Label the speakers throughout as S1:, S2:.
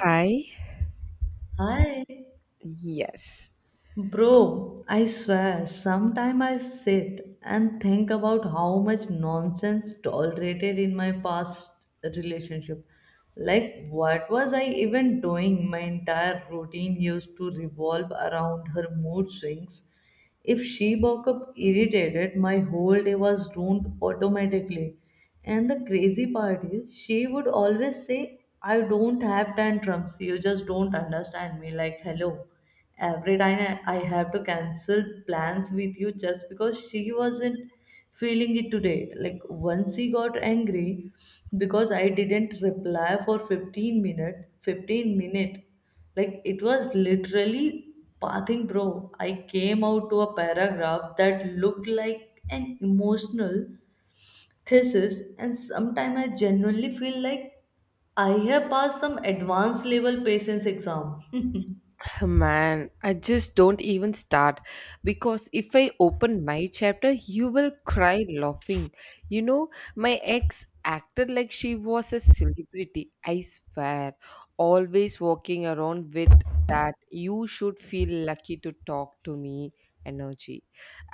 S1: Hi.
S2: Hi,
S1: Yes.
S2: bro. I swear, sometime I sit and think about how much nonsense tolerated in my past relationship. Like, what was I even doing? My entire routine used to revolve around her mood swings if she woke up irritated, my whole day was ruined automatically. And the crazy part is, she would always say, I don't have tantrums. You just don't understand me. Like, hello. Every time I have to cancel plans with you just because she wasn't feeling it today. Like, once she got angry because I didn't reply for 15 minutes, 15 minutes like it was literally pathing, bro. I came out to a paragraph that looked like an emotional thesis, and sometimes I genuinely feel like I have passed some advanced level patience exam.
S1: Man, I just don't even start because if I open my chapter, you will cry laughing. You know, my ex acted like she was a celebrity. I swear, always walking around with that you should feel lucky to talk to me energy.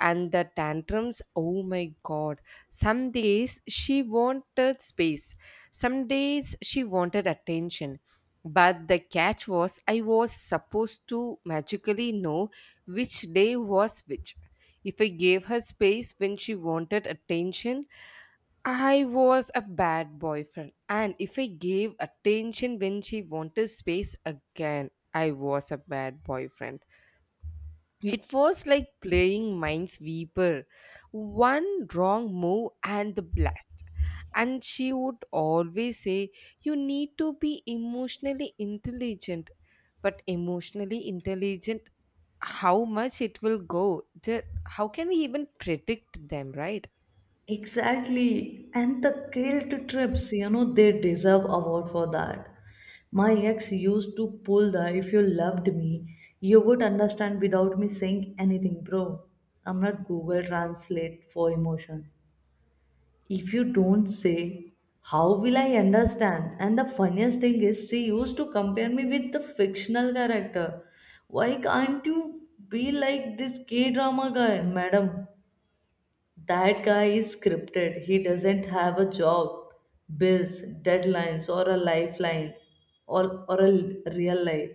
S1: And the tantrums, oh my god. Some days she wanted space. Some days she wanted attention. But the catch was I was supposed to magically know which day was which. If I gave her space when she wanted attention, I was a bad boyfriend. And if I gave attention when she wanted space again, I was a bad boyfriend. It was like playing Minesweeper. One wrong move and the blast. And she would always say, you need to be emotionally intelligent. But emotionally intelligent, how much it will go? How can we even predict them, right?
S2: Exactly. And the guilt trips, you know, they deserve award for that. My ex used to pull the if you loved me, you would understand without me saying anything, bro. I'm not Google Translate for emotion. If you don't say, how will I understand? And the funniest thing is, she used to compare me with the fictional character. Why can't you be like this K drama guy, madam? That guy is scripted. He doesn't have a job, bills, deadlines, or a lifeline, or a real life.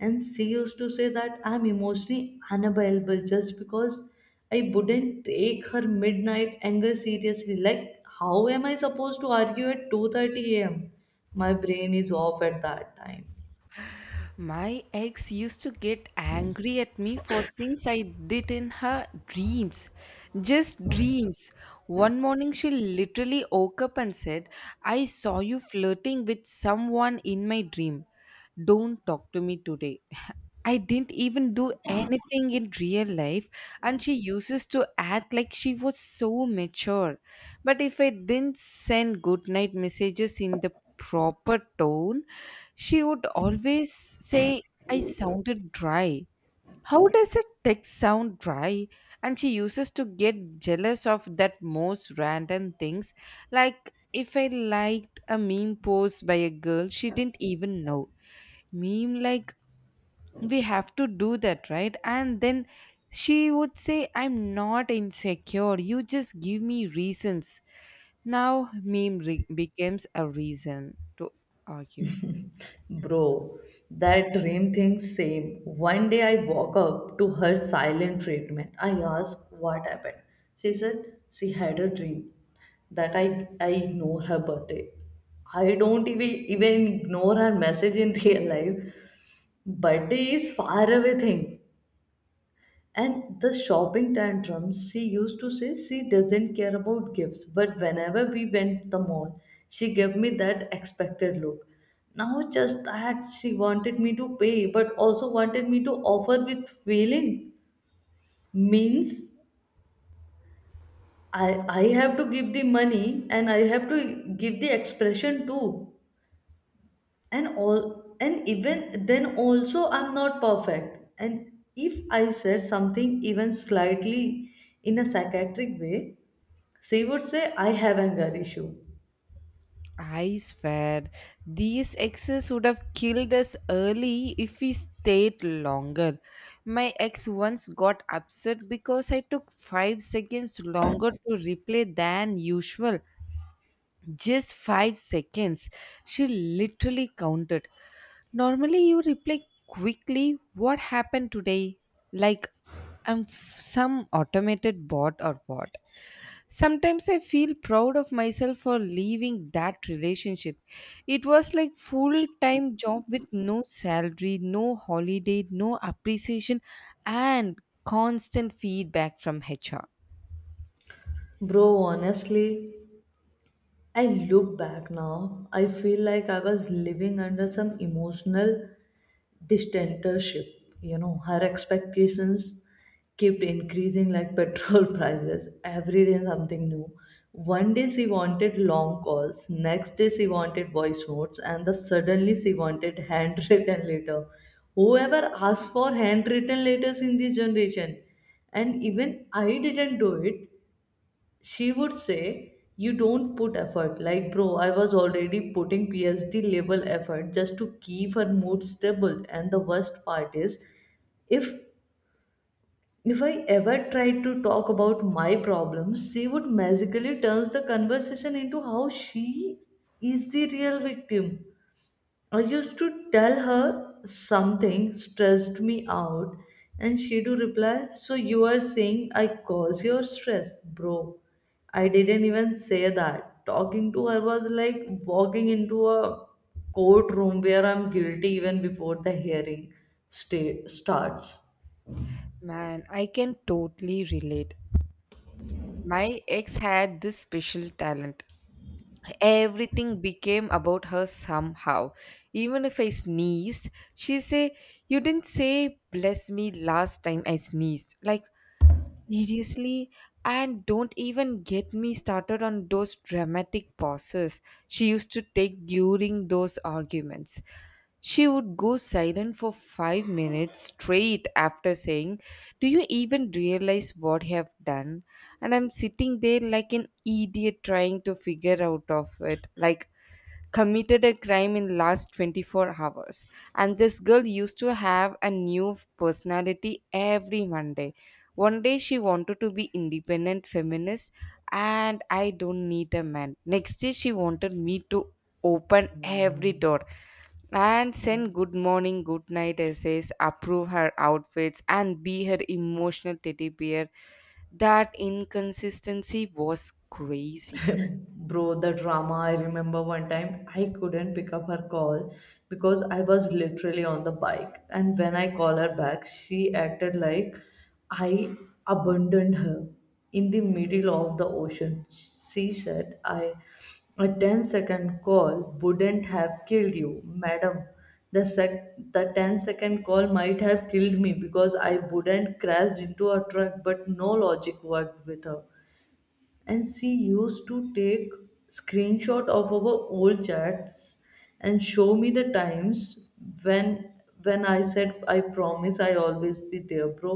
S2: And she used to say that I'm emotionally unavailable just because I wouldn't take her midnight anger seriously. Like, how am I supposed to argue at 2:30 a.m.? My brain is off at that time.
S1: My ex used to get angry at me for things I did in her dreams. Just dreams. One morning she literally woke up and said, I saw you flirting with someone in my dream. Don't talk to me today. I didn't even do anything in real life, and she uses to act like she was so mature. But if I didn't send goodnight messages in the proper tone, she would always say, I sounded dry. How does a text sound dry? And she uses to get jealous of that most random things. Like if I liked a meme post by a girl, she didn't even know. Meme, like, we have to do that, right? And then she would say, I'm not insecure. You just give me reasons. Now, becomes a reason to argue.
S2: Bro, that dream thing same. One day I woke up to her silent treatment. I asked what happened. She said she had a dream that I ignore her birthday. I don't even ignore her message in real life. Birthday is far away thing. And the shopping tantrums, she used to say she doesn't care about gifts, but whenever we went the mall, she gave me that expected look. Now just that she wanted me to pay, but also wanted me to offer with feeling means I have to give the money and I have to give the expression too. And all and even then also I'm not perfect. And if I said something even slightly in a psychiatric way, she would say, I have anger issue.
S1: I swear, these exes would have killed us early if we stayed longer. My ex once got upset because I took 5 seconds longer to replay than usual. Just 5 seconds. She literally counted. Normally, you reply quickly, what happened today? Like, some automated bot or what? Sometimes I feel proud of myself for leaving that relationship. It was like full-time job with no salary, no holiday, no appreciation and constant feedback from HR.
S2: Bro, honestly, I look back now. I feel like I was living under some emotional dictatorship. You know, her expectations kept increasing like petrol prices. Every day something new. One day she wanted long calls, next day she wanted voice notes, and the suddenly she wanted handwritten letter. Whoever asked for handwritten letters in this generation, and even I didn't do it, she would say you don't put effort. Like, bro, I was already putting phd level effort just to keep her mood stable. And the worst part is, if if I ever tried to talk about my problems, she would magically turns the conversation into how she is the real victim. I used to tell her something stressed me out, and she do reply, so you are saying I cause your stress, bro. I didn't even say that. Talking to her was like walking into a courtroom where I'm guilty even before the hearing starts.
S1: Man, I can totally relate. My ex had this special talent. Everything became about her somehow. Even if I sneezed, she say, "You didn't say bless me last time I sneezed." Like, seriously, and don't even get me started on those dramatic pauses she used to take during those arguments. She would go silent for 5 minutes straight after saying, do you even realize what you have done? And I'm sitting there like an idiot trying to figure out of it. Like committed a crime in last 24 hours. And this girl used to have a new personality every Monday. One day she wanted to be independent feminist and I don't need a man. Next day she wanted me to open every door and send good morning good night essays, approve her outfits and be her emotional teddy bear. That inconsistency was crazy.
S2: Bro, the drama. I remember one time I couldn't pick up her call because I was literally on the bike. And when I call her back, she acted like I abandoned her in the middle of the ocean. She said, I a ten-second call wouldn't have killed you, madam. The ten-second call might have killed me because I wouldn't crashed into a truck, but no logic worked with her. And she used to take screenshot of our old chats and show me the times when when I said I promise I always be there, bro.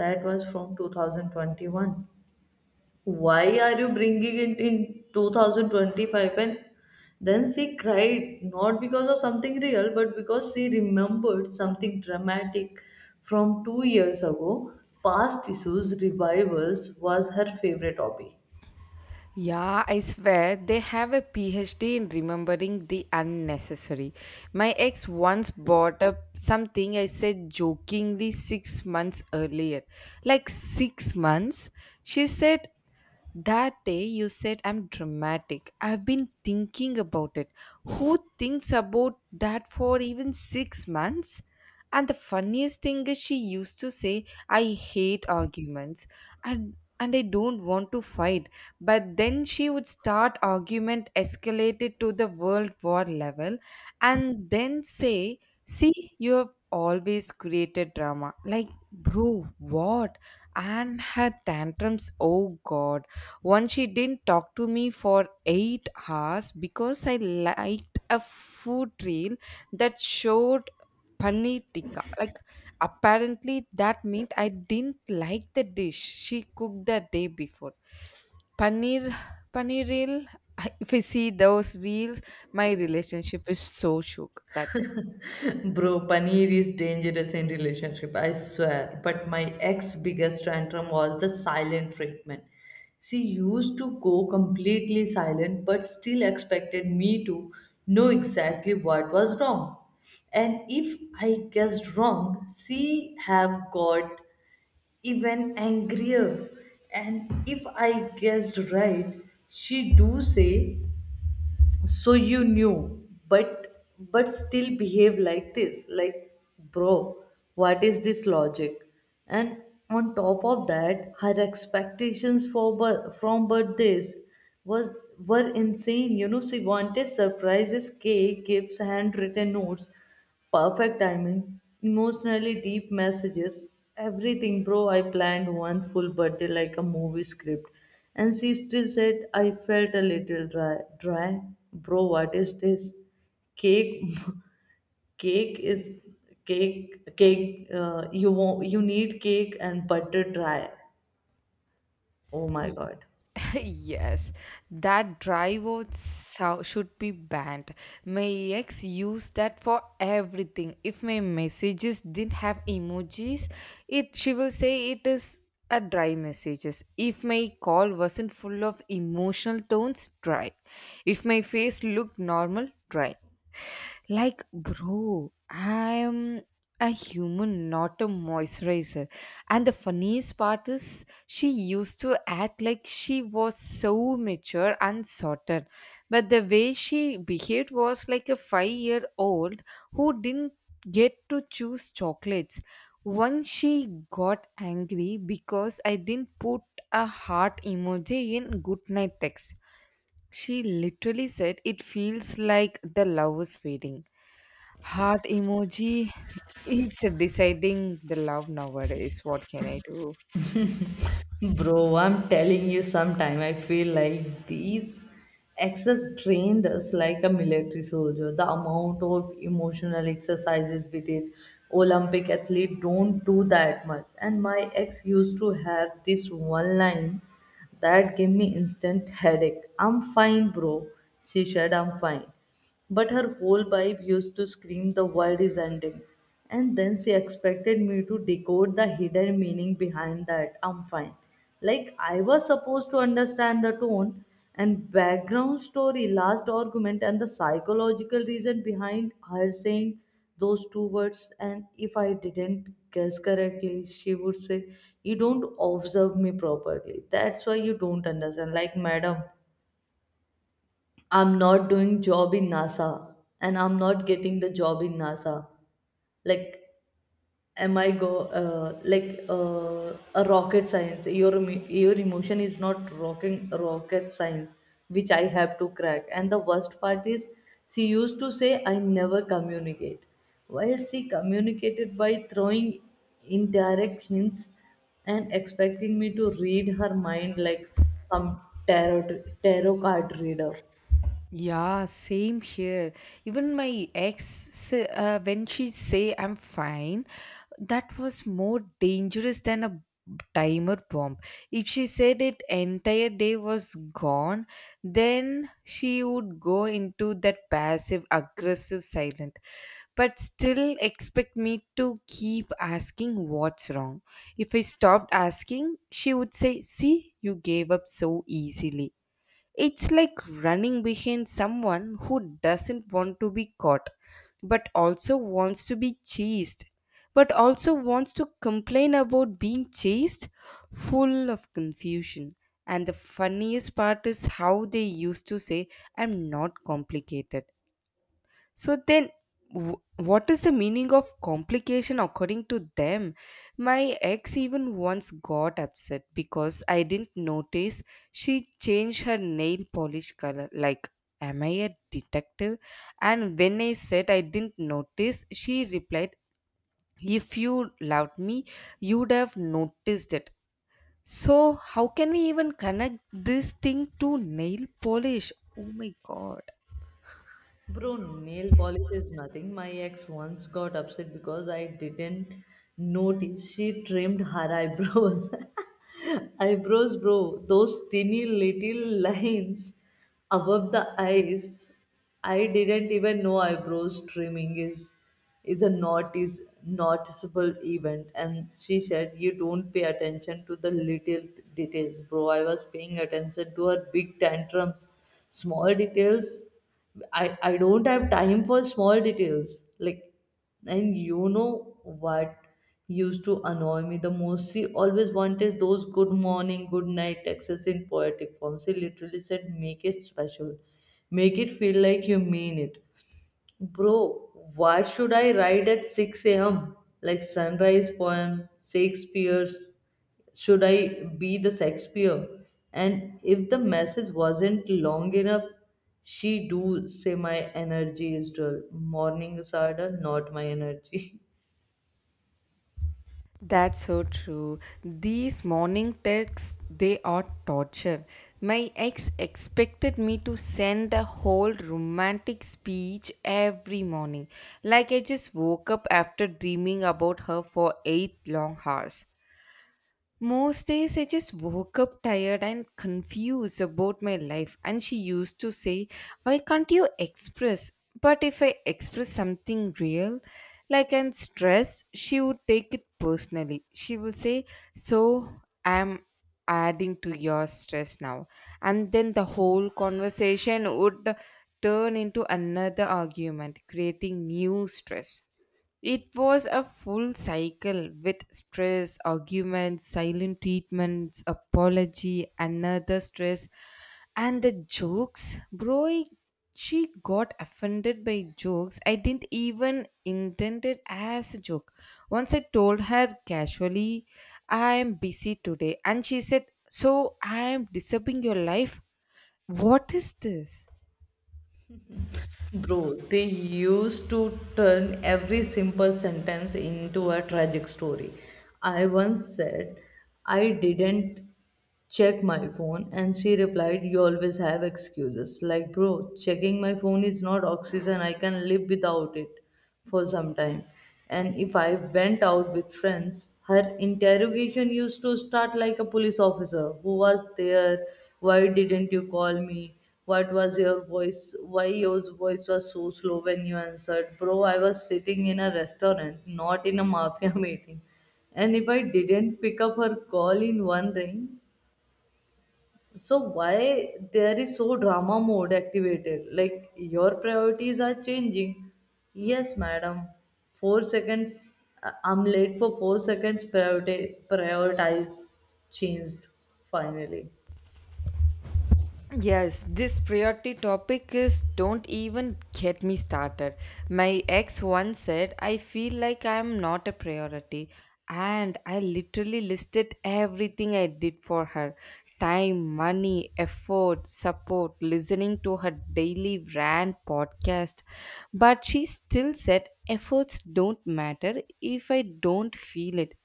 S2: That was from 2021. Why are you bringing it in 2025? And then she cried not because of something real, but because she remembered something dramatic from 2 years ago. Past issues revivals was her favorite hobby.
S1: Yeah, I swear they have a PhD in remembering the unnecessary. My ex once brought up something I said jokingly 6 months earlier. Like 6 months? She said that day you said I'm dramatic. I've been thinking about it. Who thinks about that for even 6 months? And the funniest thing is she used to say I hate arguments, and and I don't want to fight. But then she would start argument escalated to the world war level and then say, see, you have always created drama. Like, bro, what? And her tantrums, oh god, once she didn't talk to me for 8 hours because I liked a food reel that showed paneer tikka. Like, apparently, that meant I didn't like the dish she cooked the day before. Paneer, paneer reel. If I see those reels, my relationship is so shook. That's
S2: Bro, paneer is dangerous in relationship, I swear. But my ex biggest tantrum was the silent treatment. She used to go completely silent but still expected me to know exactly what was wrong. And if I guessed wrong, she have got even angrier. And if I guessed right, she do say so you knew but still behave like this. Like, bro, what is this logic? And on top of that, her expectations for from birthdays was were insane. You know, she wanted surprises, cake, gifts, handwritten notes, perfect timing, emotionally deep messages, everything, bro. I planned one full birthday like a movie script, and she still said I felt a little dry. Dry, bro. What is this? Cake, cake is cake, cake. You won't, you need cake and butter dry. Oh my
S1: it.
S2: god.
S1: Yes, that dry vote should be banned. My ex used that for everything. If my messages didn't have emojis, it she will say it is a dry messages. If my call wasn't full of emotional tones, dry. If my face looked normal, dry. Like, bro, I'm a human, not a moisturizer. And the funniest part is, she used to act like she was so mature and sorted. But the way she behaved was like a 5-year-old who didn't get to choose chocolates. Once she got angry because I didn't put a heart emoji in goodnight text. She literally said, it feels like the love is fading. Heart emoji. It's deciding the love nowadays. What can I do?
S2: Bro, I'm telling you, sometime I feel like these exes trained us like a military soldier. The amount of emotional exercises we did, Olympic athlete don't do that much. And my ex used to have this one line that gave me instant headache. I'm fine, bro. She said, I'm fine. But her whole vibe used to scream, the world is ending. And then she expected me to decode the hidden meaning behind that. I'm fine. Like, I was supposed to understand the tone and background story, last argument, and the psychological reason behind her saying those two words. And if I didn't guess correctly, she would say, you don't observe me properly. That's why you don't understand. Like, madam, I'm not doing job in NASA and I'm not getting the job in NASA. Like, am I go like a rocket science? Your your emotion is not rocking rocket science, which I have to crack. And the worst part is, she used to say I never communicate, while she communicated by throwing indirect hints and expecting me to read her mind like some tarot card reader.
S1: Yeah, same here. Even my ex, when she say I'm fine, that was more dangerous than a timer bomb. If she said it, entire day was gone, then she would go into that passive aggressive silent, but still expect me to keep asking what's wrong. If I stopped asking, she would say, see, you gave up so easily. It's like running behind someone who doesn't want to be caught, but also wants to be chased, but also wants to complain about being chased, full of confusion. And the funniest part is how they used to say, I'm not complicated. So then, what is the meaning of complication according to them? My ex even once got upset because I didn't notice she changed her nail polish color. Like, am I a detective? And when I said I didn't notice, she replied, if you loved me, you'd have noticed it. So, how can we even connect this thing to nail polish? Oh my god.
S2: Bro, nail polish is nothing. My ex once got upset because I didn't notice she trimmed her eyebrows. Eyebrows, bro, those tiny little lines above the eyes. I didn't even know eyebrows trimming is a noticeable event. And she said you don't pay attention to the little details. Bro, I was paying attention to her big tantrums. Small details, I don't have time for small details. Like, and you know what used to annoy me the most? She always wanted those good morning, good night texts in poetic form. She literally said, make it special. Make it feel like you mean it. Bro, why should I write at 6 a.m.? Like sunrise poem, Shakespeare's. Should I be the Shakespeare? And if the message wasn't long enough, she do say my energy is dull. Mornings are dull, not my energy.
S1: That's so true. These morning texts, they are torture. My ex expected me to send a whole romantic speech every morning. Like I just woke up after dreaming about her for 8 long hours. Most days I just woke up tired and confused about my life. And she used to say, why can't you express? But if I express something real, like I'm stressed, she would take it personally. She will say, so I'm adding to your stress now. And then the whole conversation would turn into another argument, creating new stress. It was a full cycle with stress, arguments, silent treatments, apology, another stress, and the jokes. Bro, she got offended by jokes I didn't even intend it as a joke. Once I told her casually, I'm busy today, and she said, so I'm disturbing your life? What is this?
S2: Bro, they used to turn every simple sentence into a tragic story. I once said, I didn't check my phone, and she replied, you always have excuses. Like, bro, checking my phone is not oxygen, I can live without it for some time. And if I went out with friends, her interrogation used to start like a police officer who was there, why didn't you call me? What was your voice? Why your voice was so slow when you answered? Bro, I was sitting in a restaurant, not in a mafia meeting. And if I didn't pick up her call in one ring, so why there is so drama mode activated, like your priorities are changing. Yes, madam, 4 seconds. I'm late for 4 seconds, priority prioritize changed finally.
S1: Yes, this priority topic is don't even get me started. My ex once said, I feel like I am not a priority. And I literally listed everything I did for her, time, money, effort, support, listening to her daily rant podcast. But she still said, efforts don't matter if I don't feel it.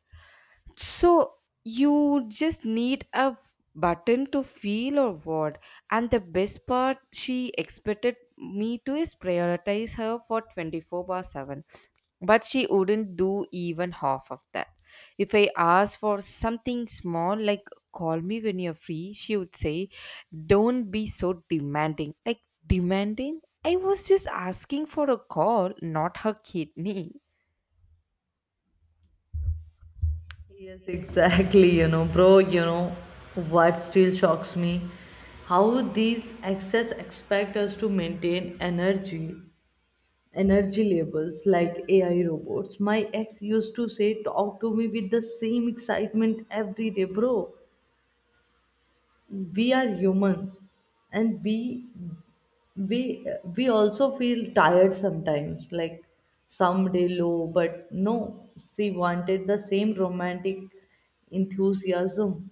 S1: So you just need a button to feel or what? And the best part she expected me to is prioritize her for 24 bar 7. But she wouldn't do even half of that. If I asked for something small like call me when you're free, she would say, don't be so demanding. Like demanding? I was just asking for a call, not her kidney.
S2: Yes, exactly, you know, bro, you know what still shocks me, how these excess expect us to maintain energy energy labels like AI robots. My ex used to say, talk to me with the same excitement every day, bro. We are humans and we we also feel tired sometimes, like someday low. But no, she wanted the same romantic enthusiasm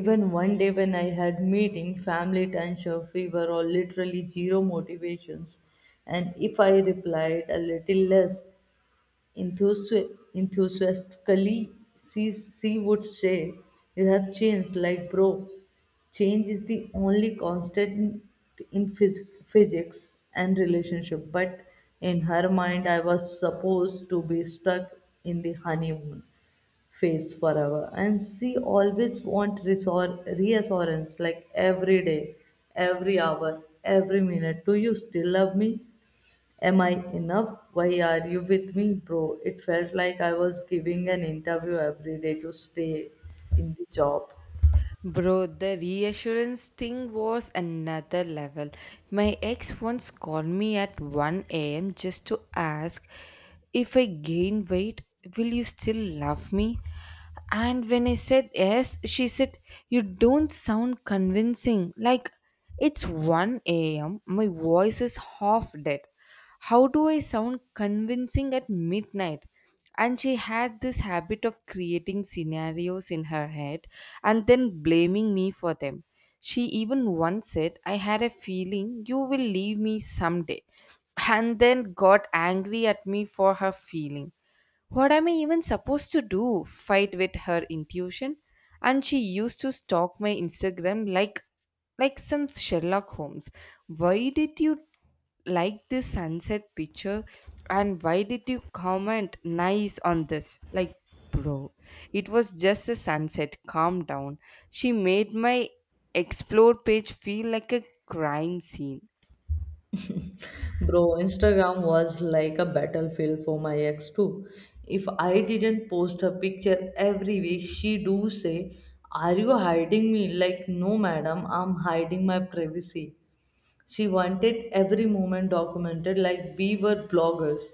S2: even one day when I had meeting, family tension, fever, or literally zero motivations. And if I replied a little less enthusi- enthusiastically, she would say, you have changed, like bro. Change is the only constant in physics and relationship, but in her mind, I was supposed to be stuck in the honeymoon face forever. And she always want reassurance like every day, every hour, every minute. Do you still love me? Am I enough? Why are you with me, bro? It felt like I was giving an interview every day to stay in the job.
S1: Bro, the reassurance thing was another level. My ex once called me at 1 a.m. just to ask if I gain weight, will you still love me? And when I said yes, she said, you don't sound convincing. Like, it's 1 a.m., my voice is half dead. How do I sound convincing at midnight? And she had this habit of creating scenarios in her head and then blaming me for them. She even once said, I had a feeling you will leave me someday, and then got angry at me for her feeling. What am I even supposed to do? Fight with her intuition? And she used to stalk my Instagram like some Sherlock Holmes. Why did you like this sunset picture and why did you comment nice on this? Like, bro, it was just a sunset. Calm down. She made my explore page feel like a crime scene.
S2: Bro, Instagram was like a battlefield for my ex too. If I didn't post her picture every week, she do say, "Are you hiding me?" Like, no, madam, I'm hiding my privacy. She wanted every moment documented like we were bloggers.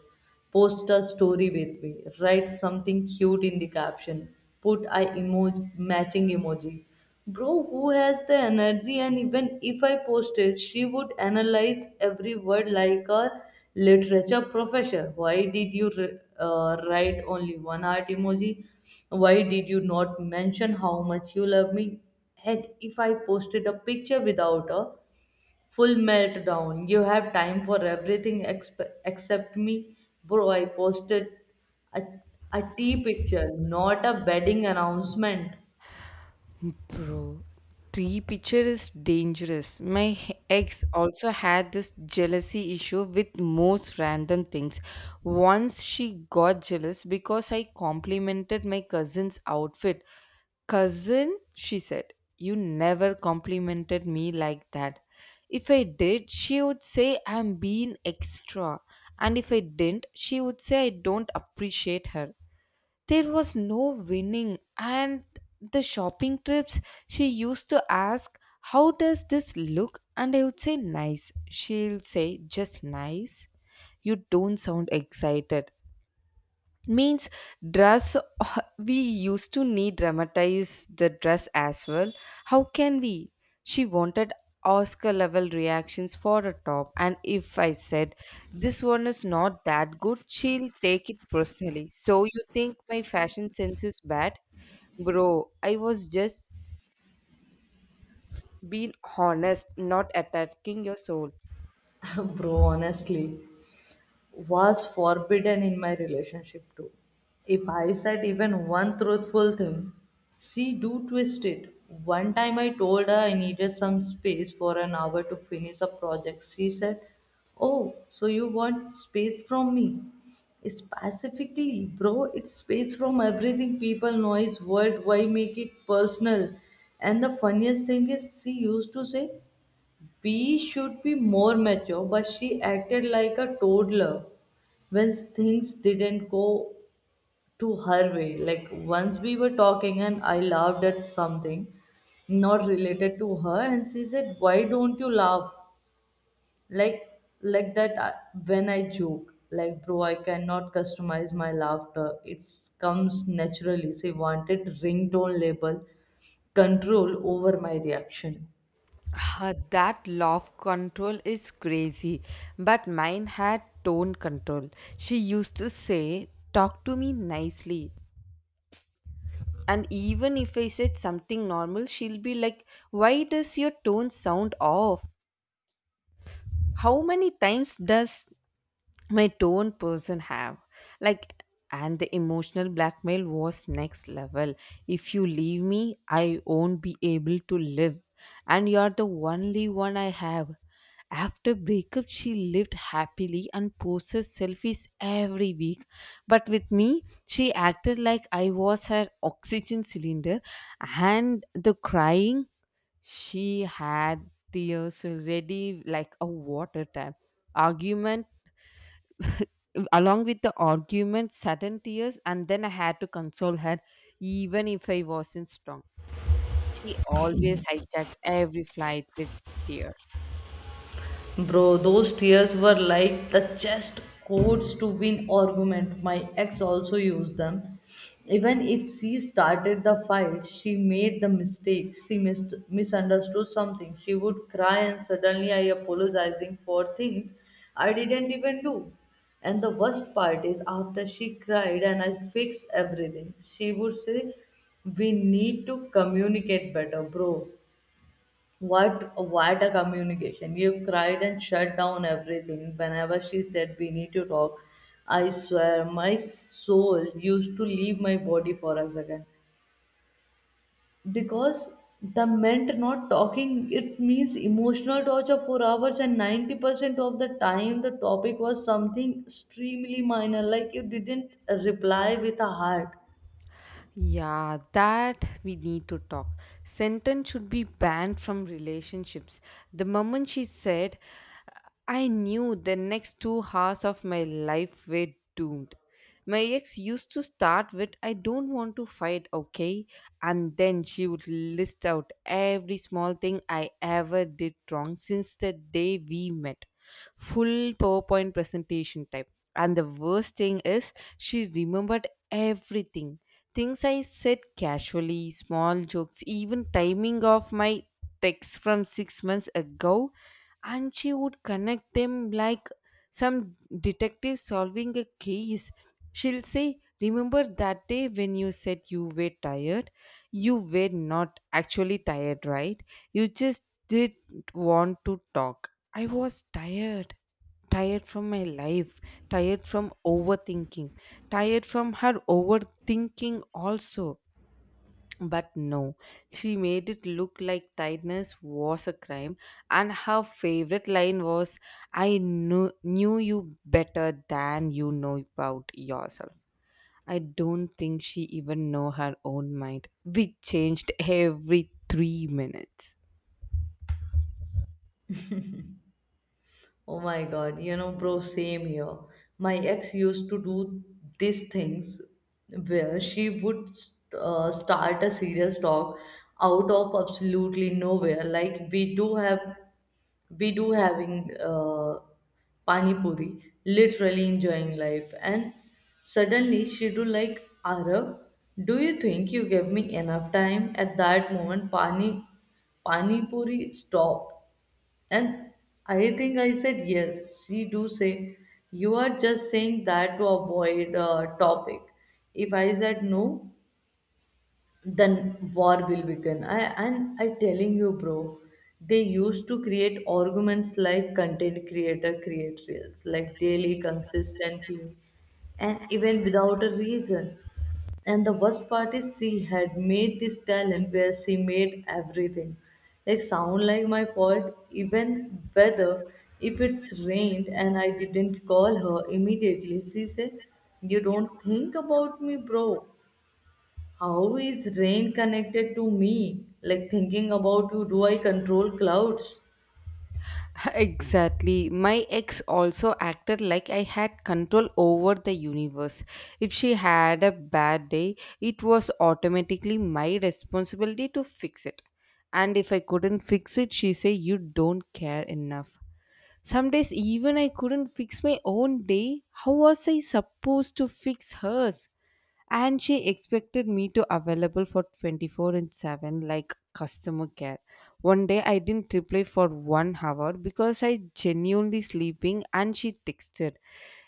S2: Post a story with me. Write something cute in the caption. Put I emoji matching emoji. Bro, who has the energy? And even if I posted, she would analyze every word like a literature professor. Why did you write only one heart emoji? Why did you not mention how much you love me? And if I posted a picture without her, full meltdown. You have time for everything except me. Bro, I posted a, a tea picture, not a wedding announcement.
S1: Bro, tree picture is dangerous. My ex also had this jealousy issue with most random things. Once she got jealous because I complimented my cousin's outfit. Cousin, she said, you never complimented me like that. If I did, she would say I'm being extra. And if I didn't, she would say I don't appreciate her. There was no winning. And the shopping trips, she used to ask, how does this look? And I would say, nice. She'll say, just nice. You don't sound excited means dress. We used to need dramatize the dress as well. How can we? She wanted Oscar level reactions for a top. And if I said this one is not that good, she'll take it personally. So you think my fashion sense is bad? Bro, I was just being honest, not attacking your soul.
S2: Bro, honestly. Was forbidden in my relationship too. If I said even one truthful thing, she do twist it. One time I told her I needed some space for an hour to finish a project. She said, oh, so you want space from me? Specifically, bro, it's space from everything people noise world. Why make it personal? And the funniest thing is, she used to say, we should be more mature, but she acted like a toddler when things didn't go to her way. Like once we were talking and I laughed at something not related to her, and she said, "Why don't you laugh like like when I joke?" Like, bro, I cannot customize my laughter. It comes naturally. She wanted ringtone label control over my reaction.
S1: Ah, that laugh control is crazy, but mine had tone control. She used to say, talk to me nicely. And even if I said something normal, she'll be like, why does your tone sound off? How many times does my tone person have, like? And the emotional blackmail was next level. If you leave me, I won't be able to live, and you're the only one I have. After breakup she lived happily and posted selfies every week, but with me she acted like I was her oxygen cylinder. And the crying, she had tears ready like a water tap. Argument, along with the argument, sudden tears, and then I had to console her, even if I wasn't strong. She always hijacked every flight with tears.
S2: Bro, those tears were like the chest codes to win argument. My ex also used them. Even if she started the fight, she made the mistake. She misunderstood something. She would cry and suddenly I apologizing for things I didn't even do. And the worst part is after she cried and I fixed everything, she would say, we need to communicate better, bro. What a communication. You cried and shut down everything whenever she said we need to talk. I swear my soul used to leave my body for a second. Because the meant not talking it means emotional torture for hours, and 90% of the time the topic was something extremely minor, like you didn't reply with a heart.
S1: Yeah, that we need to talk sentence should be banned from relationships. The moment she said, I knew the next 2 hours of my life were doomed. My ex used to start with, I don't want to fight, okay? And then she would list out every small thing I ever did wrong since the day we met. Full PowerPoint presentation type. And the worst thing is, she remembered everything. Things I said casually, small jokes, even timing of my texts from 6 months ago, and she would connect them like some detective solving a case. She'll say, remember that day when you said you were tired? You were not actually tired, right? You just didn't want to talk. I was tired from my life, tired from overthinking, tired from her overthinking also. But no, she made it look like tiredness was a crime, and her favorite line was, I knew you better than you know about yourself. I don't think she even know her own mind. We changed every 3 minutes.
S2: Oh my god, you know, bro, same here. My ex used to do these things where she would start a serious talk out of absolutely nowhere. Like we do having pani puri, literally enjoying life, and suddenly she do like Arab. Do you think you gave me enough time at that moment? Pani puri, stop. And I think I said yes. She do say you are just saying that to avoid a topic. If I said no, then war will begin. I telling you, bro, they used to create arguments like content creator create reels, like daily, consistently, and even without a reason. And the worst part is she had made this talent where she made everything like sound like my fault. Even whether if it's rained and I didn't call her immediately, she said you don't think about me. Bro, how is rain connected to me? Like thinking about you, do I control clouds?
S1: Exactly. My ex also acted like I had control over the universe. If she had a bad day, it was automatically my responsibility to fix it. And if I couldn't fix it, she said, you don't care enough. Some days even I couldn't fix my own day. How was I supposed to fix hers? And she expected me to available for 24/7 like customer care. One day I didn't reply for 1 hour because I genuinely sleeping and she texted,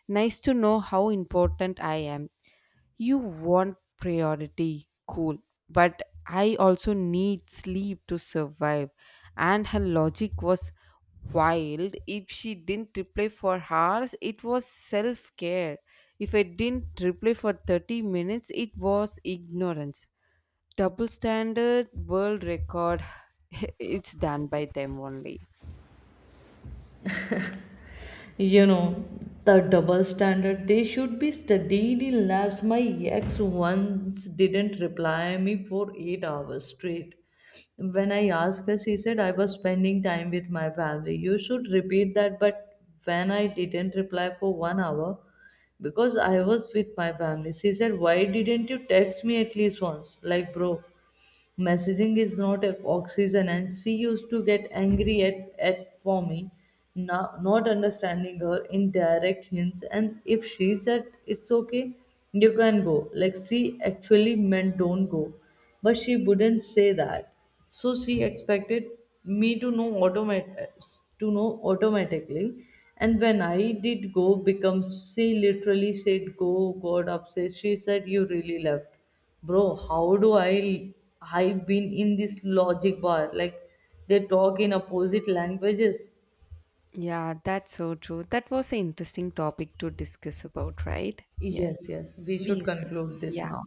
S1: nice to know how important I am. You want priority, cool, but I also need sleep to survive. And her logic was, while if she didn't reply for hours, it was self care. If I didn't reply for 30 minutes, it was ignorance. Double standard world record, it's done by them only.
S2: You know, the double standard, they should be studied in labs. My ex once didn't reply me for 8 hours straight. When I asked her, she said, I was spending time with my family. You should repeat that, but when I didn't reply for 1 hour, because I was with my family, she said, why didn't you text me at least once? Like, bro, messaging is not a oxygen, and she used to get angry at, for me not understanding her indirect hints. And if she said it's okay, you can go, like she actually meant don't go, but she wouldn't say that. So she expected me to know automatically. And when I did go, becomes she literally said go, got upset. She said you really left. Bro, how do I I've been in this logic bar, like they talk in opposite languages.
S1: Yeah, that's so true. That was an interesting topic to discuss about, right? Yes.
S2: Yes, yes, we should
S1: We, sir.
S2: conclude this
S1: Yeah.
S2: now.